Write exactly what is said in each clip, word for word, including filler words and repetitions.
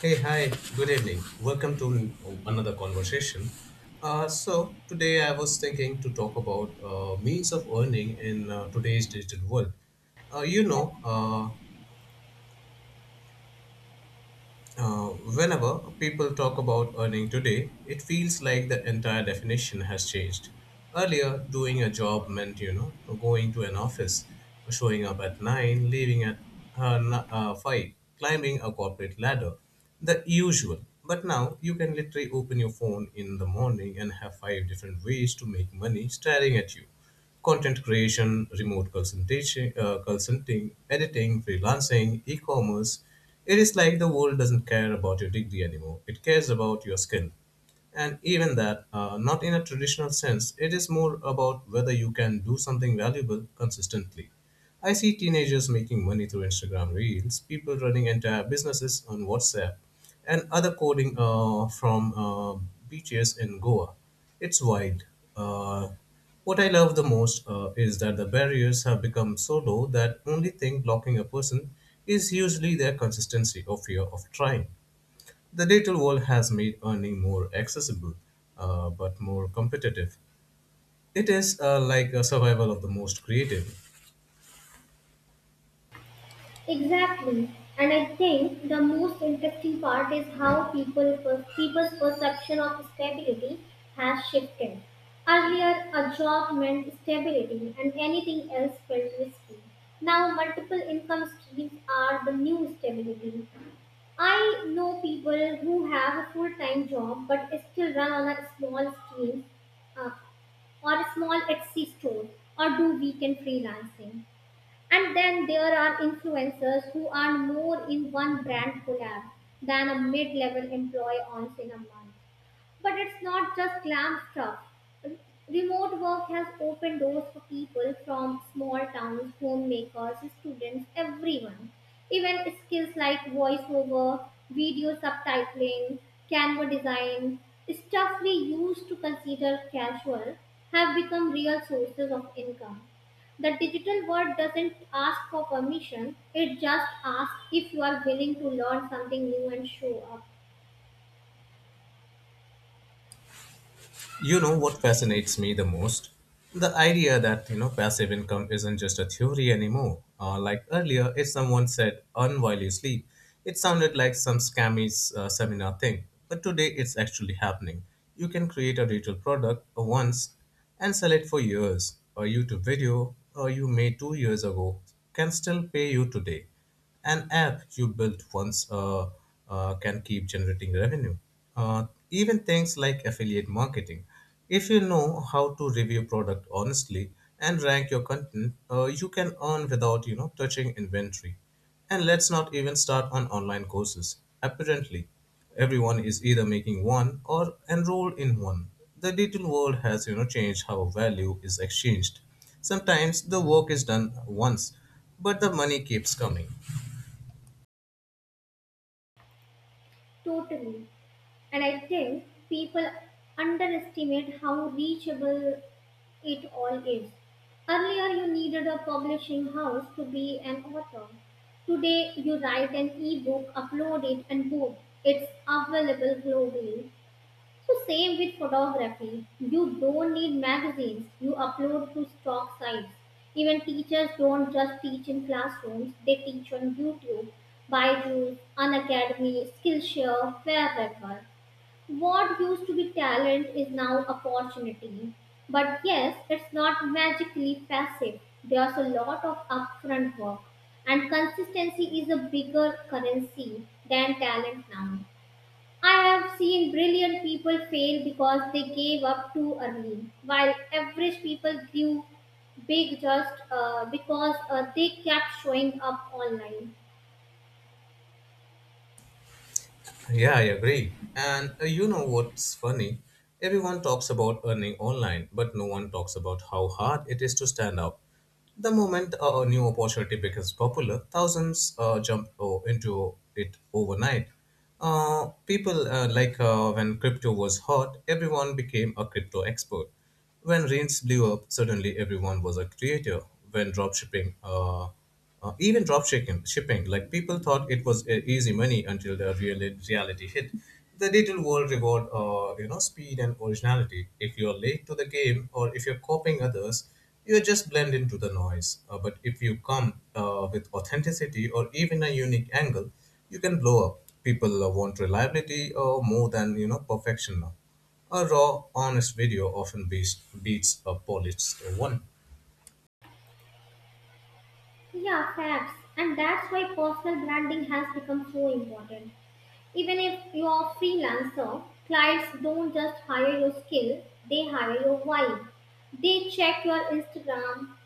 Hey, hi, good evening. Welcome to another conversation. Uh, so, today I was thinking to talk about uh, means of earning in uh, today's digital world. Uh, you know, Yeah, uh, Uh, Whenever people talk about earning today, it feels like the entire definition has changed. Earlier, doing a job meant, you know, going to an office, showing up at nine, leaving at uh, n- uh, five, climbing a corporate ladder, the usual. But now, you can literally open your phone in the morning and have five different ways to make money staring at you: content creation, remote consultation, uh, consulting, editing, freelancing, e-commerce. It is like the world doesn't care about your degree anymore. It cares about your skill. And even that, uh, not in a traditional sense, it is more about whether you can do something valuable consistently. I see teenagers making money through Instagram Reels, people running entire businesses on WhatsApp, and other coding uh, from uh, beaches in Goa. It's wild. Uh, what I love the most uh, is that the barriers have become so low that only thing blocking a person is usually their consistency or fear of trying. The digital world has made earning more accessible, uh, but more competitive. It is uh, like a survival of the most creative. exactly. And I think the most interesting part is how people per- people's perception of stability has shifted. Earlier, a job meant stability and anything else felt risky. Now, multiple income streams are the new stability. I know people who have a full-time job but still run on a small scheme uh, or a small Etsy store or do weekend freelancing. And then there are influencers who earn more in one brand collab than a mid level employee earns in a month. But it's not just glam stuff. Re- Remote work has opened doors for people from small towns, homemakers, students, everyone. Even skills like voiceover, video subtitling, Canva design, stuff we used to consider casual, have become real sources of income. The digital world doesn't ask for permission, it just asks if you are willing to learn something new and show up. You know what fascinates me the most? The idea that, you know, passive income isn't just a theory anymore. Uh, like earlier, if someone said earn while you sleep, it sounded like some scammy uh, seminar thing. But today, it's actually happening. You can create a digital product uh, once and sell it for years. A YouTube video uh, you made two years ago can still pay you today. An app you built once uh, uh, can keep generating revenue. Uh, even things like affiliate marketing. If you know how to review product honestly and rank your content, uh, you can earn without you know touching inventory. And let's not even start on online courses. Apparently, everyone is either making one or enrolled in one. The digital world has you know changed how value is exchanged. Sometimes the work is done once, but the money keeps coming. Totally. And I think people underestimate how reachable it all is. Earlier, you needed a publishing house to be an author. Today, you write an ebook, upload it, and boom, it's available globally. So, same with photography. You don't need magazines, you upload to stock sites. Even teachers don't just teach in classrooms, they teach on YouTube, Byju's, Unacademy, Skillshare, Fairweather. What used to be talent is now opportunity. But yes, it's not magically passive. There's a lot of upfront work, and consistency is a bigger currency than talent now. I have seen brilliant people fail because they gave up too early, while average people grew big just uh, because uh, they kept showing up online. Yeah, I agree. And uh, you know what's funny? Everyone talks about earning online, but no one talks about how hard it is to stand out. The moment a new opportunity becomes popular, thousands uh, jump o- into it overnight. Uh, people uh, like uh, When crypto was hot, everyone became a crypto expert. When rains blew up, suddenly everyone was a creator. When dropshipping, uh, uh, Even dropshipping, shipping, like people thought it was e- easy money until the real reality hit. The digital world reward, uh, you know, speed and originality. If you're late to the game or if you're copying others, you just blend into the noise. Uh, but if you come uh, with authenticity or even a unique angle, you can blow up. People uh, want reliability uh, more than you know perfection now. A raw, honest video often beats beats a polished one. Yeah, facts. And that's why personal branding has become so important. Even if you are a freelancer, clients don't just hire your skill, they hire your vibe. They check your Instagram.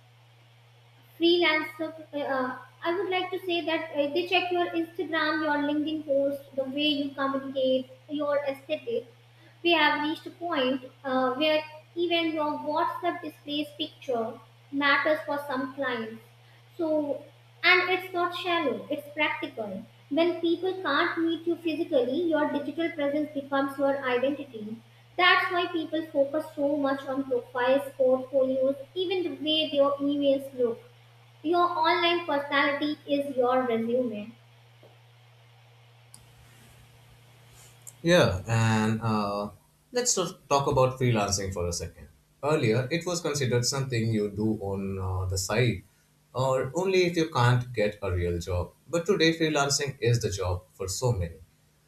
Freelancer, uh, I would like to say that, uh, they check your Instagram, your LinkedIn post, the way you communicate, your aesthetic. We have reached a point, uh, where even your WhatsApp displays picture matters for some clients. So, and it's not shallow, it's practical. When people can't meet you physically, your digital presence becomes your identity. That's why people focus so much on profiles, portfolios, even the way their emails look. Your online personality is your resume. Yeah, and uh, let's just talk about freelancing for a second. Earlier, it was considered something you do on uh, the side or only if you can't get a real job. But today, freelancing is the job for so many: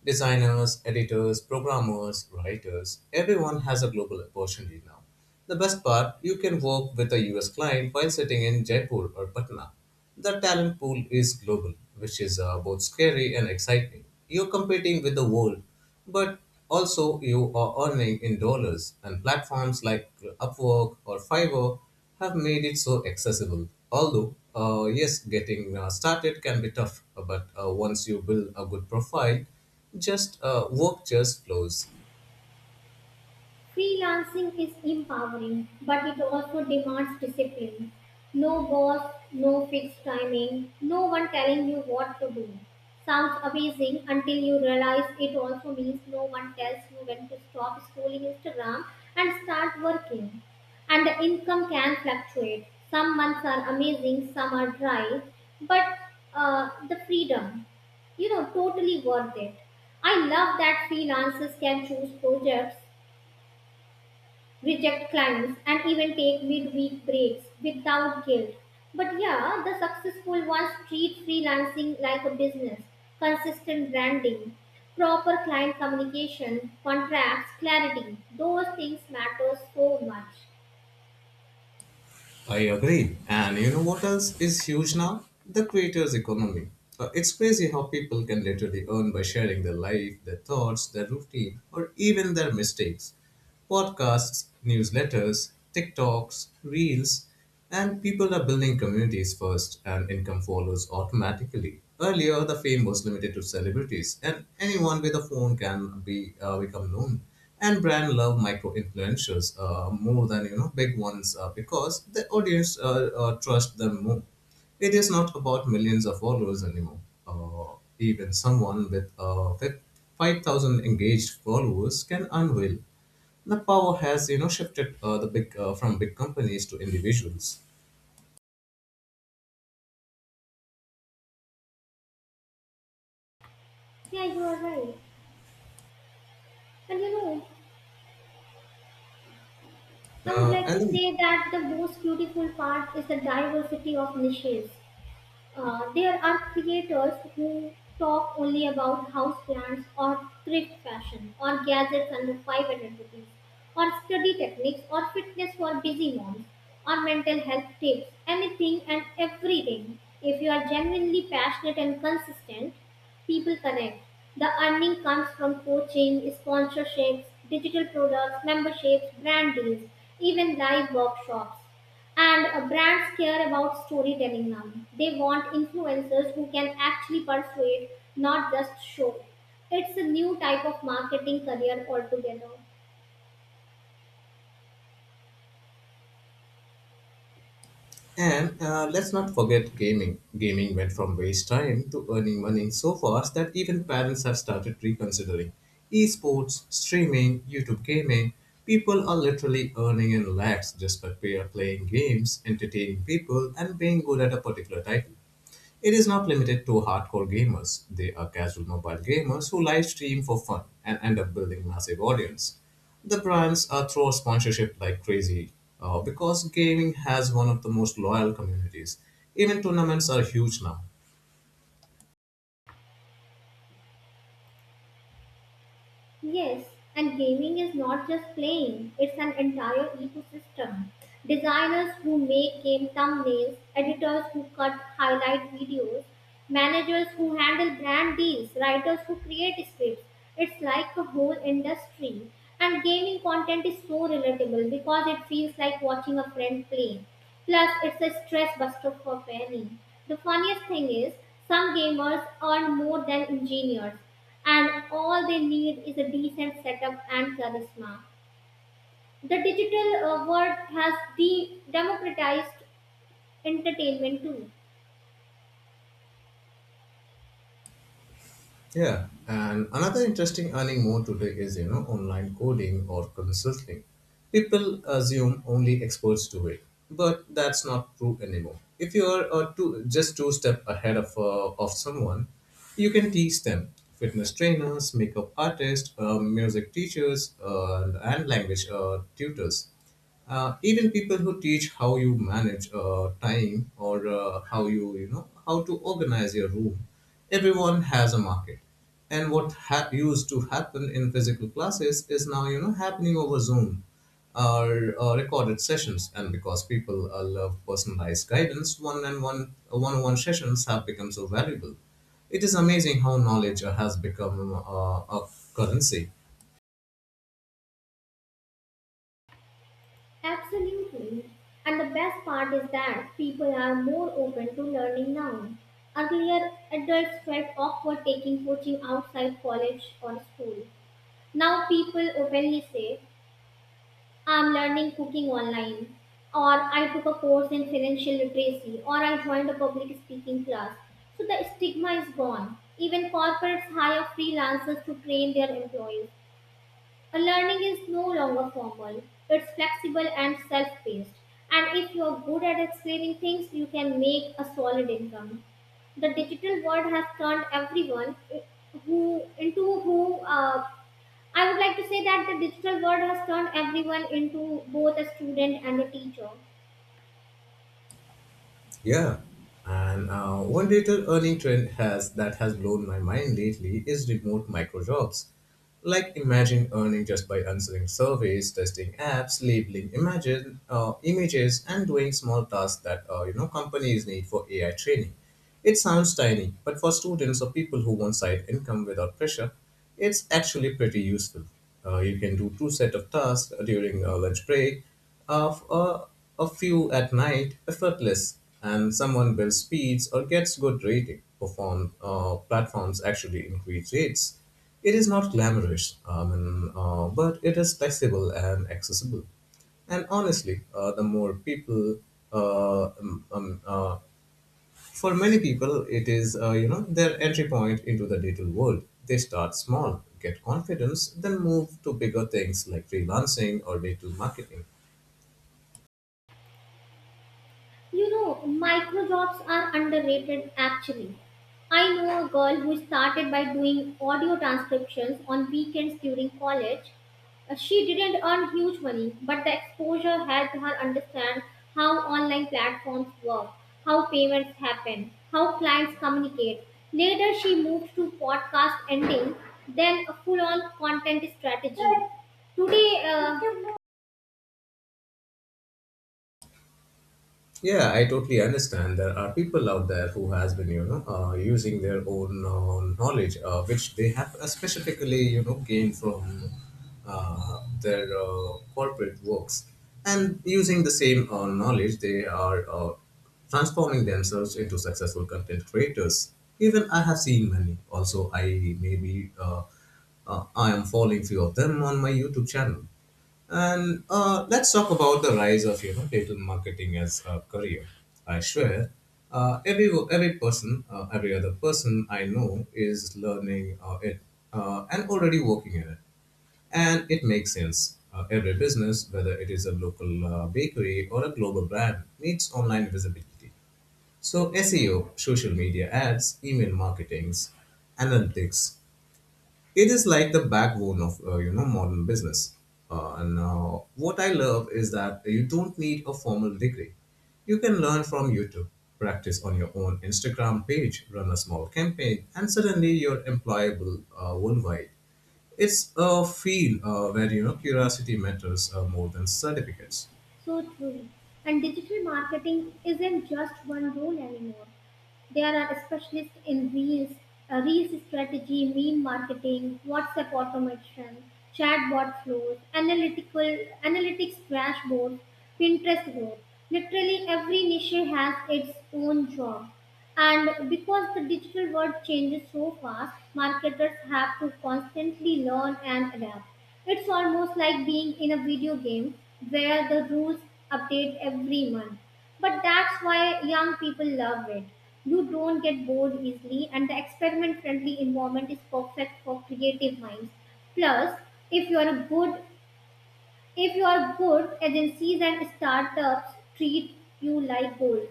designers, editors, programmers, writers. Everyone has a global opportunity now. The best part, you can work with a U S client while sitting in Jaipur or Patna. The talent pool is global, which is uh, both scary and exciting. You're competing with the world, but also you are earning in dollars, and platforms like Upwork or Fiverr have made it so accessible. Although, uh, yes, getting uh, started can be tough, but uh, once you build a good profile, just uh, work just flows. Freelancing is empowering, but it also demands discipline. No boss, no fixed timing, no one telling you what to do. Sounds amazing until you realize it also means no one tells you when to stop scrolling Instagram and start working. And the income can fluctuate. Some months are amazing, some are dry, but uh, the freedom, you know, totally worth it. I love that freelancers can choose projects, reject clients, and even take midweek breaks without guilt. But yeah, the successful ones treat freelancing like a business, consistent branding, proper client communication, contracts, clarity. Those things matter so much. I agree. And you know what else is huge now? The creators' economy. Uh, it's crazy how people can literally earn by sharing their life, their thoughts, their routine, or even their mistakes. Podcasts, newsletters, TikToks, Reels, and people are building communities first, and income follows automatically. Earlier, the fame was limited to celebrities, and anyone with a phone can be uh, become known. And brand love micro influencers uh, more than you know big ones uh, because the audience uh, uh, trust them more. It is not about millions of followers anymore. Uh, even someone with uh, five thousand engaged followers can earn well. The power has you know shifted uh, the big uh, from big companies to individuals. Yeah, you are right. And you know, I would Uh, like to and say that the most beautiful part is the diversity of niches. Uh, there are creators who talk only about houseplants or thrift fashion or gadgets under five hundred rupees or study techniques or fitness for busy moms or mental health tips, anything and everything. If you are genuinely passionate and consistent, people connect. The earning comes from coaching, sponsorships, digital products, memberships, brand deals, even live workshops. And uh, brands care about storytelling now. They want influencers who can actually persuade, not just show. It's a new type of marketing career altogether. and uh, Let's not forget gaming. Gaming went from waste time to earning money so fast that even parents have started reconsidering: esports, streaming, YouTube gaming. People are literally earning in lakhs just by pay- playing games, entertaining people, and being good at a particular title. It is not limited to hardcore gamers. They are casual mobile gamers who live stream for fun and end up building massive audience. The brands are throw sponsorship like crazy uh, because gaming has one of the most loyal communities. Even tournaments are huge now. Yes, and gaming is not just playing, it's an entire ecosystem. Designers who make game thumbnails, editors who cut highlight videos, managers who handle brand deals, writers who create scripts. It's like a whole industry. And gaming content is so relatable because it feels like watching a friend play. Plus, it's a stress buster for many. The funniest thing is, some gamers earn more than engineers and all they need is a decent setup and charisma. The digital uh, world has de- democratized entertainment too. Yeah, and another interesting earning mode today is you know online coding or consulting. People assume only experts do it, but that's not true anymore. If you are uh, two, just two step ahead of uh, of someone, you can teach them. Fitness trainers, makeup artists, uh, music teachers, uh, and language uh, tutors. Uh, even people who teach how you manage uh, time or uh, how you you know how to organize your room, everyone has a market. And what ha- used to happen in physical classes is now you know happening over Zoom or uh, recorded sessions, and because people uh, love personalized guidance, one and one uh, one-on-one sessions have become so valuable. It is amazing how knowledge uh, has become uh, a currency. Absolutely. And the best part is that people are more open to learning now. Earlier, adults felt awkward taking coaching outside college or school. Now people openly say, I'm learning cooking online, or I took a course in financial literacy, or I joined a public speaking class. So the stigma is gone. Even corporates hire freelancers to train their employees. A learning is no longer formal, it's flexible and self paced. And if you're good at explaining things, you can make a solid income. The digital world has turned everyone who into who uh, I would like to say that the digital world has turned everyone into both a student and a teacher. Yeah. And uh, one digital earning trend has that has blown my mind lately is remote micro jobs. Like imagine earning just by answering surveys, testing apps, labeling images, uh, images, and doing small tasks that uh, you know companies need for A I training. It sounds tiny, but for students or people who want side income without pressure, it's actually pretty useful. Uh, you can do two set of tasks during a lunch break, of a, a few at night, effortless, and someone builds speeds or gets good rating. Perform uh, Platforms actually increase rates. It is not glamorous, um, and, uh, but it is flexible and accessible. And honestly, uh, the more people uh, um, um, uh, for many people, it is uh, you know their entry point into the digital world. They start small, get confidence, then move to bigger things like freelancing or digital marketing. You know, micro jobs are underrated actually. I know a girl who started by doing audio transcriptions on weekends during college. Uh, She didn't earn huge money, but the exposure helped her understand how online platforms work, how payments happen, how clients communicate. Later, she moved to podcast ending, then a full on content strategy. Today. uh, Yeah, I totally understand. There are people out there who has been, you know, uh, using their own uh, knowledge, uh, which they have uh, specifically, you know, gained from uh, their uh, corporate works, and using the same uh, knowledge, they are uh, transforming themselves into successful content creators. Even I have seen many. Also, I maybe uh, uh, I am following few of them on my YouTube channel. And uh, Let's talk about the rise of you know digital marketing as a career. I swear, uh, every every person, uh, every other person I know is learning uh, it, uh, and already working in it, and it makes sense. Uh, every business, whether it is a local uh, bakery or a global brand, needs online visibility. So S E O, social media ads, email marketings, analytics, it is like the backbone of uh, you know modern business. Uh, and uh, What I love is that you don't need a formal degree. You can learn from YouTube, practice on your own Instagram page, run a small campaign, and suddenly you're employable uh, worldwide. It's a field uh, where you know curiosity matters uh, more than certificates. So true. And digital marketing isn't just one role anymore. There are specialists in reels, uh, reels strategy, meme marketing, WhatsApp automation, chatbot flows, analytical analytics dashboards, Pinterest growth. Literally every niche has its own job. And because the digital world changes so fast, marketers have to constantly learn and adapt. It's almost like being in a video game where the rules update every month. But that's why young people love it. You don't get bored easily, and the experiment friendly environment is perfect for creative minds. Plus, if you are a good if you are good, agencies and startups treat you like gold.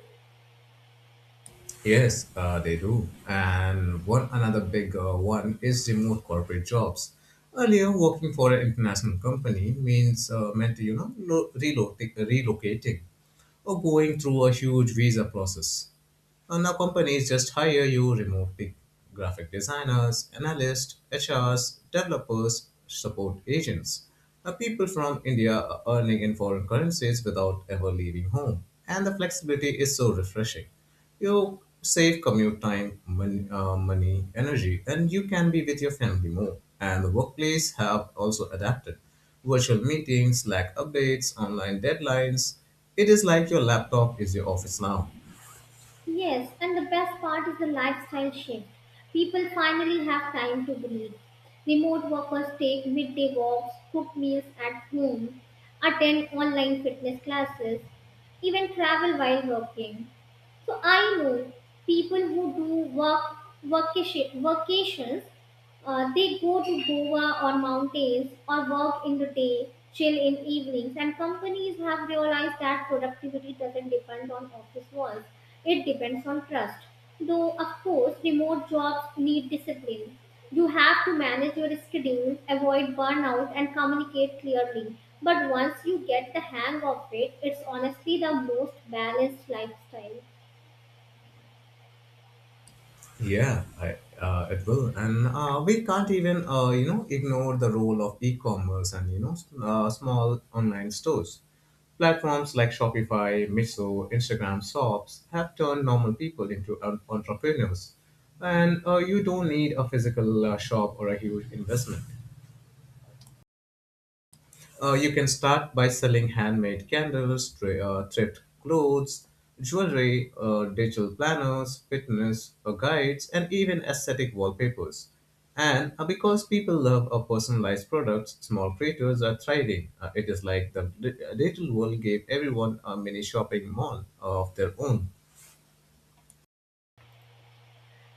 Yes, uh, they do. And one another big uh, one is remote corporate jobs. Earlier, working for an international company means uh, meant you know lo- relocati- relocating or going through a huge visa process. And now companies just hire you remote: pic- graphic designers, analysts, H Rs, developers, support agents. Now people from India are earning in foreign currencies without ever leaving home. And the flexibility is so refreshing. You save commute time, mon- uh, money, energy, and you can be with your family more. And the workplace have also adapted. Virtual meetings, Slack updates, online deadlines. It is like your laptop is your office now. Yes, and the best part is the lifestyle shift. People finally have time to breathe. Remote workers take midday walks, cook meals at home, attend online fitness classes, even travel while working. So I know people who do work vacation, vacations uh, they go to Goa or mountains or work in the day, chill in evenings, and companies have realized that productivity doesn't depend on office walls. It depends on trust. Though, of course, remote jobs need discipline. You have to manage your schedule, avoid burnout, and communicate clearly. But once you get the hang of it, it's honestly the most balanced lifestyle. Yeah, I, uh, it will, and uh, We can't even uh, you know ignore the role of e-commerce and you know s- uh, small online stores. Platforms like Shopify, Miso, Instagram Shops have turned normal people into en- entrepreneurs, and uh, you don't need a physical uh, shop or a huge investment. Uh, you can start by selling handmade candles, tra- uh, thrift clothes, jewelry, uh, digital planners, fitness uh, guides, and even aesthetic wallpapers. And uh, because people love uh, personalized products, small creators are thriving. Uh, it is like the di- digital world gave everyone a mini shopping mall of their own.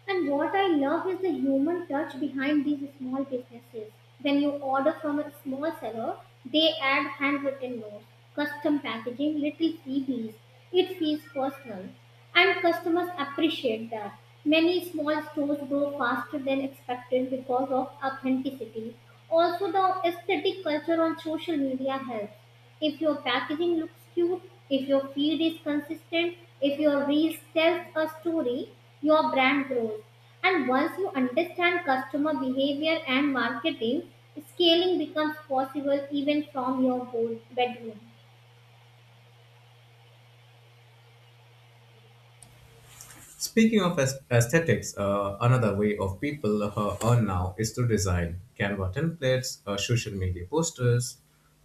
And what I love is the human touch behind these small businesses. When you order from a small seller, they add handwritten notes, custom packaging, little freebies. It feels personal. And customers appreciate that. Many small stores grow faster than expected because of authenticity. Also, the aesthetic culture on social media helps. If your packaging looks cute, if your feed is consistent, if your reel tells a story, your brand grows. And once you understand customer behavior and marketing, scaling becomes possible even from your whole bedroom. Speaking of aes- aesthetics, uh, another way of people uh, earn now is through design. Canva templates, uh, social media posters,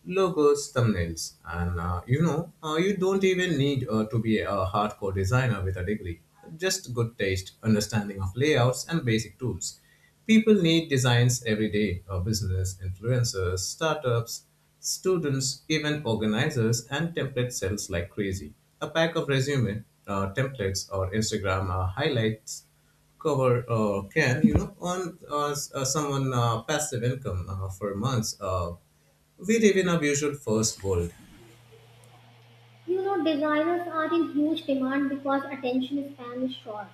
logos, thumbnails. And uh, you know, uh, you don't even need uh, to be a hardcore designer with a degree. Just good taste, understanding of layouts, and basic tools. People need designs every day. Our business, influencers, startups, students, event organizers, and template sells like crazy. A pack of resume uh, templates or Instagram uh, highlights cover uh, can you know earn uh, s- uh, someone uh, passive income uh, for months. Uh, we live in a visual first world. You know, designers are in huge demand because attention span is short.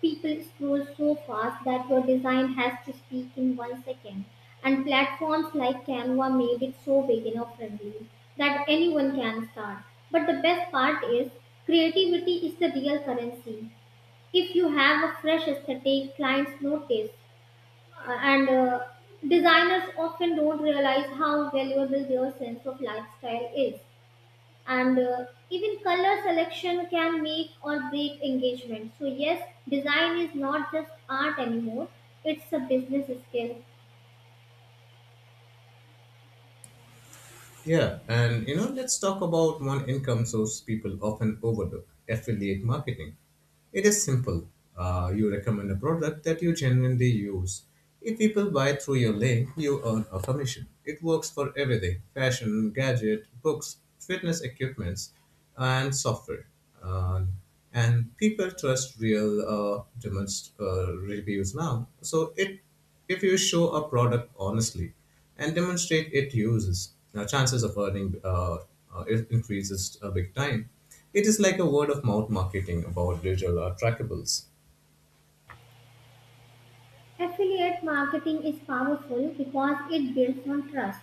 People scroll so fast that your design has to speak in one second. And platforms like Canva made it so beginner friendly that anyone can start. But the best part is creativity is the real currency. If you have a fresh aesthetic, clients notice. Uh, and uh, designers often don't realize how valuable their sense of lifestyle is, and uh, even color selection can make or break engagement. So yes, design is not just art anymore, it's a business skill. Yeah, and you know let's talk about one income source people often overlook: affiliate marketing. It is simple. Uh, you recommend a product that you genuinely use. If people buy through your link, you earn a commission. It works for everything fashion, gadget, books, fitness equipments, and software. Uh, and people trust real uh, demonst- uh, reviews now. So it, if you show a product honestly and demonstrate it uses, now chances of earning uh, uh, it increases a big time. It is like a word of mouth marketing about digital or trackables. Affiliate marketing is powerful because it builds on trust.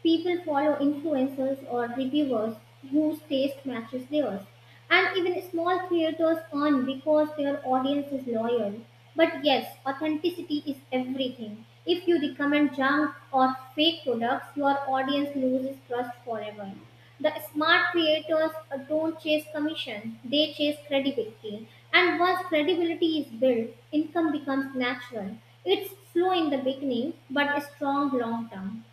People follow influencers or reviewers whose taste matches theirs. And even small creators earn because their audience is loyal. But yes, authenticity is everything. If you recommend junk or fake products, your audience loses trust forever. The smart creators uh, don't chase commission, they chase credibility. And once credibility is built, income becomes natural. It's slow in the beginning, but strong long term.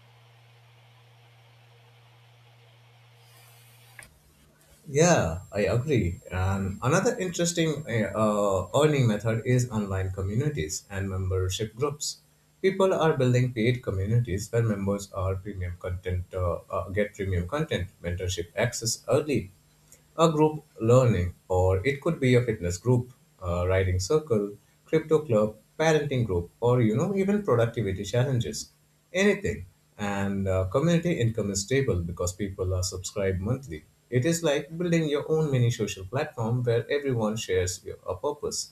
Yeah, I agree. And another interesting uh, uh, earning method is online communities and membership groups. People are building paid communities where members are premium content uh, uh, get premium content, mentorship access early, a group learning, or it could be a fitness group, a writing circle, crypto club, parenting group, or you know, even productivity challenges, anything. And uh, community income is stable because people are subscribed monthly. It is like building your own mini social platform where everyone shares your, a purpose.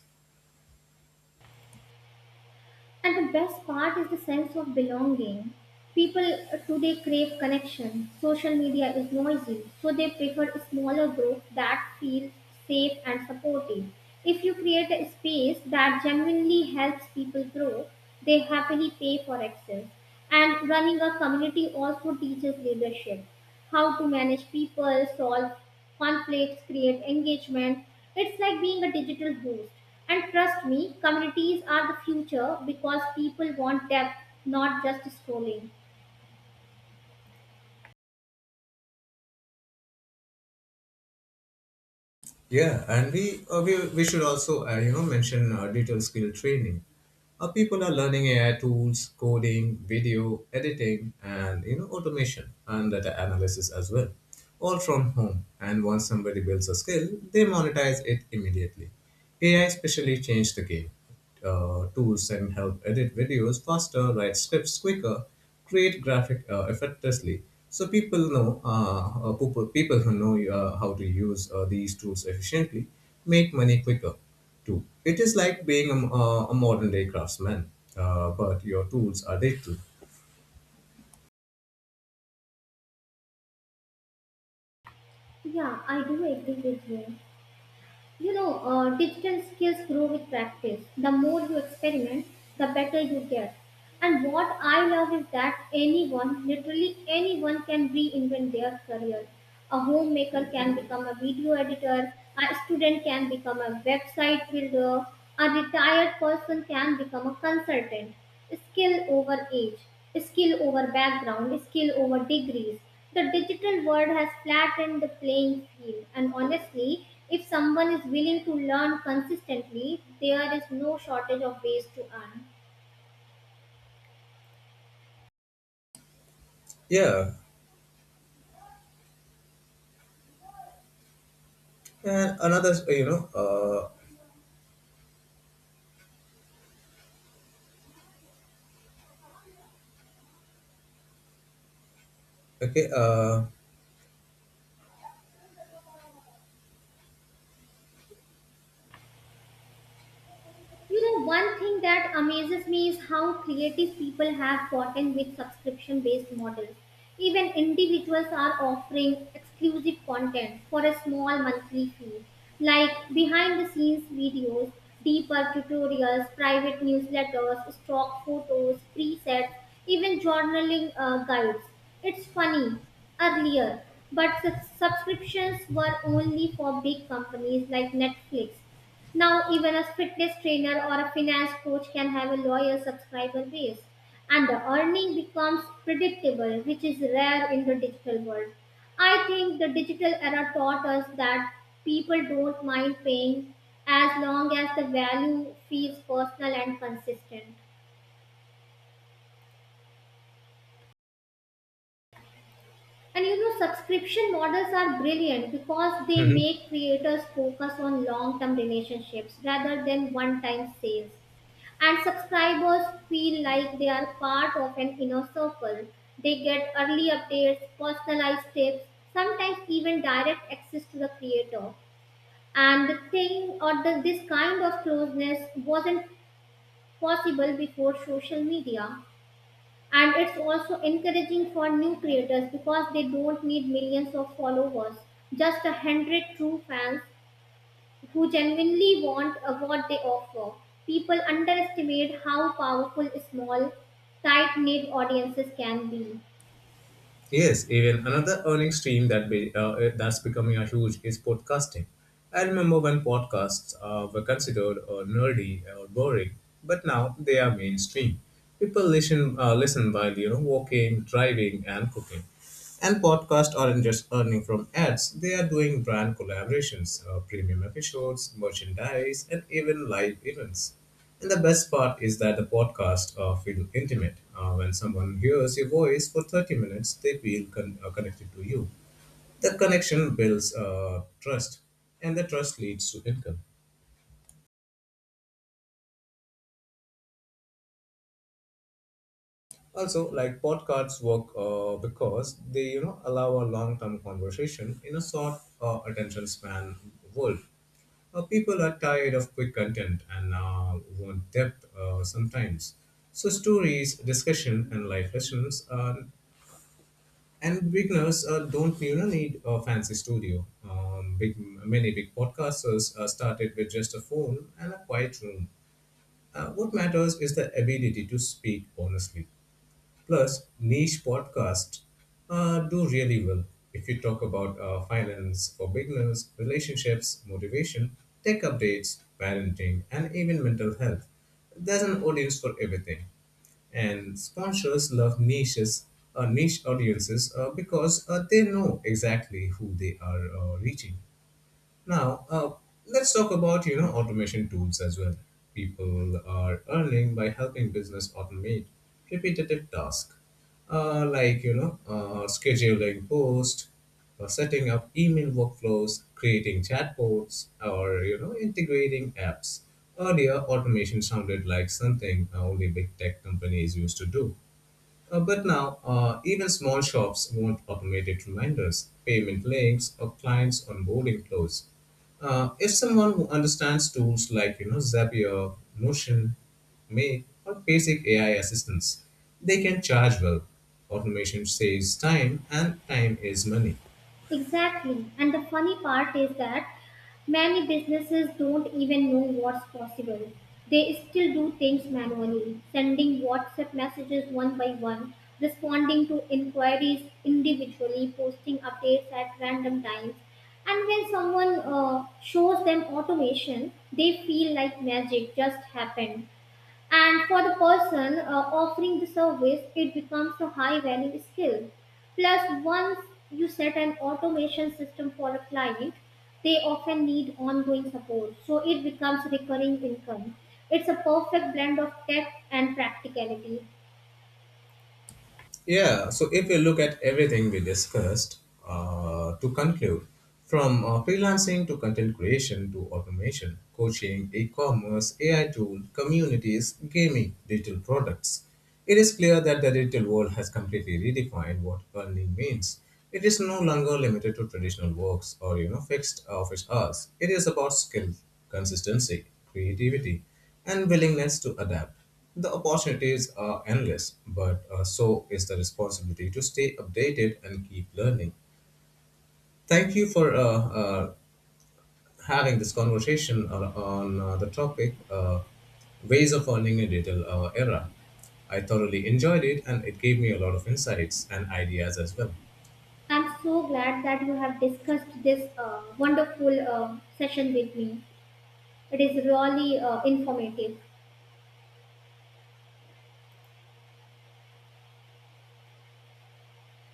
And the best part is the sense of belonging. People uh, today crave connection. Social media is noisy, so they prefer smaller groups that feel safe and supportive. If you create a space that genuinely helps people grow, they happily pay for access. And running a community also teaches leadership how to manage people, solve conflicts, create engagement, it's like being a digital host. And trust me, communities are the future because people want depth, not just scrolling. Yeah, and we uh, we, we should also uh, you know mention uh, digital skill training. Uh, people are learning A I tools, coding, video editing, and you know automation and data analysis as well, all from home. And once somebody builds a skill, they monetize it immediately. A I especially changed the game uh, tools can help edit videos faster, write scripts quicker, create graphic uh, effectively. So people know uh, uh, people, people who know uh, how to use uh, these tools efficiently make money quicker too. It is like being a, uh, a modern day craftsman, uh, but your tools are digital. Yeah, I do agree with you. You know, uh, digital skills grow with practice. The more you experiment, the better you get. And what I love is that anyone, literally anyone, can reinvent their career. A homemaker can become a video editor, a student can become a website builder, a retired person can become a consultant. Skill over age, skill over background, skill over degrees. The digital world has flattened the playing field, and honestly, if someone is willing to learn consistently, there is no shortage of ways to earn. Yeah, and another you know uh, okay uh, You know, one thing that amazes me is how creative people have gotten with subscription based models. Even individuals are offering exclusive content for a small monthly fee, like behind the scenes videos, deeper tutorials, private newsletters, stock photos, presets, even journaling uh, guides. It's funny, earlier, but subs- subscriptions were only for big companies like Netflix. Now, even a fitness trainer or a finance coach can have a loyal subscriber base, and the earning becomes predictable, which is rare in the digital world. I think the digital era taught us that people don't mind paying as long as the value feels personal and consistent. And you know, subscription models are brilliant because they hmm. make creators focus on long term relationships rather than one time sales. And subscribers feel like they are part of an inner circle. They get early updates, personalized tips, sometimes even direct access to the creator. And the thing or the, this kind of closeness wasn't possible before social media. And it's also encouraging for new creators because they don't need millions of followers, just a hundred true fans who genuinely want uh, what they offer. People underestimate how powerful small, tight knit audiences can be. Yes, even another earning stream that be, uh, that's becoming a huge is podcasting. I remember when podcasts uh, were considered uh, nerdy or boring, but now they are mainstream. People listen uh, listen while you know walking, driving, and cooking. And podcasts aren't just earning from ads; they are doing brand collaborations, uh, premium episodes, merchandise, and even live events. And the best part is that the podcast uh, feel intimate. Uh, when someone hears your voice for thirty minutes, they feel con- uh, connected to you. The connection builds uh, trust, and the trust leads to income. Also, like podcasts work uh, because they you know allow a long-term conversation in a short uh, attention span world. Uh, people are tired of quick content and uh, want depth uh, sometimes. So stories, discussion, and life lessons are and beginners uh, don't you know need a fancy studio. Um, big many big podcasters uh, started with just a phone and a quiet room. Uh, what matters is the ability to speak honestly. Plus, niche podcasts uh, do really well. If you talk about uh, finance for beginners, relationships, motivation, tech updates, parenting, and even mental health, there's an audience for everything and sponsors love niches uh, niche audiences uh, because uh, they know exactly who they are uh, reaching now, uh, let's talk about you know automation tools as well. People are earning by helping business automate repetitive tasks, uh, like you know uh, scheduling posts, uh, setting up email workflows, creating chatbots, or you know integrating apps. Earlier, automation sounded like something only big tech companies used to do. Uh, but now, uh, even small shops want automated reminders, payment links, or clients onboarding flows. Uh, if someone who understands tools like you know Zapier, Notion, Make, or basic A I assistants, they can charge well. Automation saves time, and time is money. Exactly. And the funny part is that many businesses don't even know what's possible. They still do things manually, sending WhatsApp messages one by one, responding to inquiries individually, posting updates at random times. And when someone uh, shows them automation, they feel like magic just happened. And for the person uh, offering the service, it becomes a high value skill. Plus, once you set an automation system for a client, they often need ongoing support. So it becomes recurring income. It's a perfect blend of tech and practicality. Yeah, so if we look at everything we discussed, uh, to conclude, from uh, freelancing to content creation to automation, coaching, e commerce, A I tools, communities, gaming, digital products, it is clear that the digital world has completely redefined what earning means. It is no longer limited to traditional works or you know fixed office hours. It is about skill, consistency, creativity, and willingness to adapt. The opportunities are endless, but uh, so is the responsibility to stay updated and keep learning. Thank you for uh, uh, having this conversation on, on uh, the topic uh, ways of earning in digital uh, era. I thoroughly enjoyed it, and it gave me a lot of insights and ideas as well. I'm so glad that you have discussed this uh, wonderful uh, session with me. It is really uh, informative.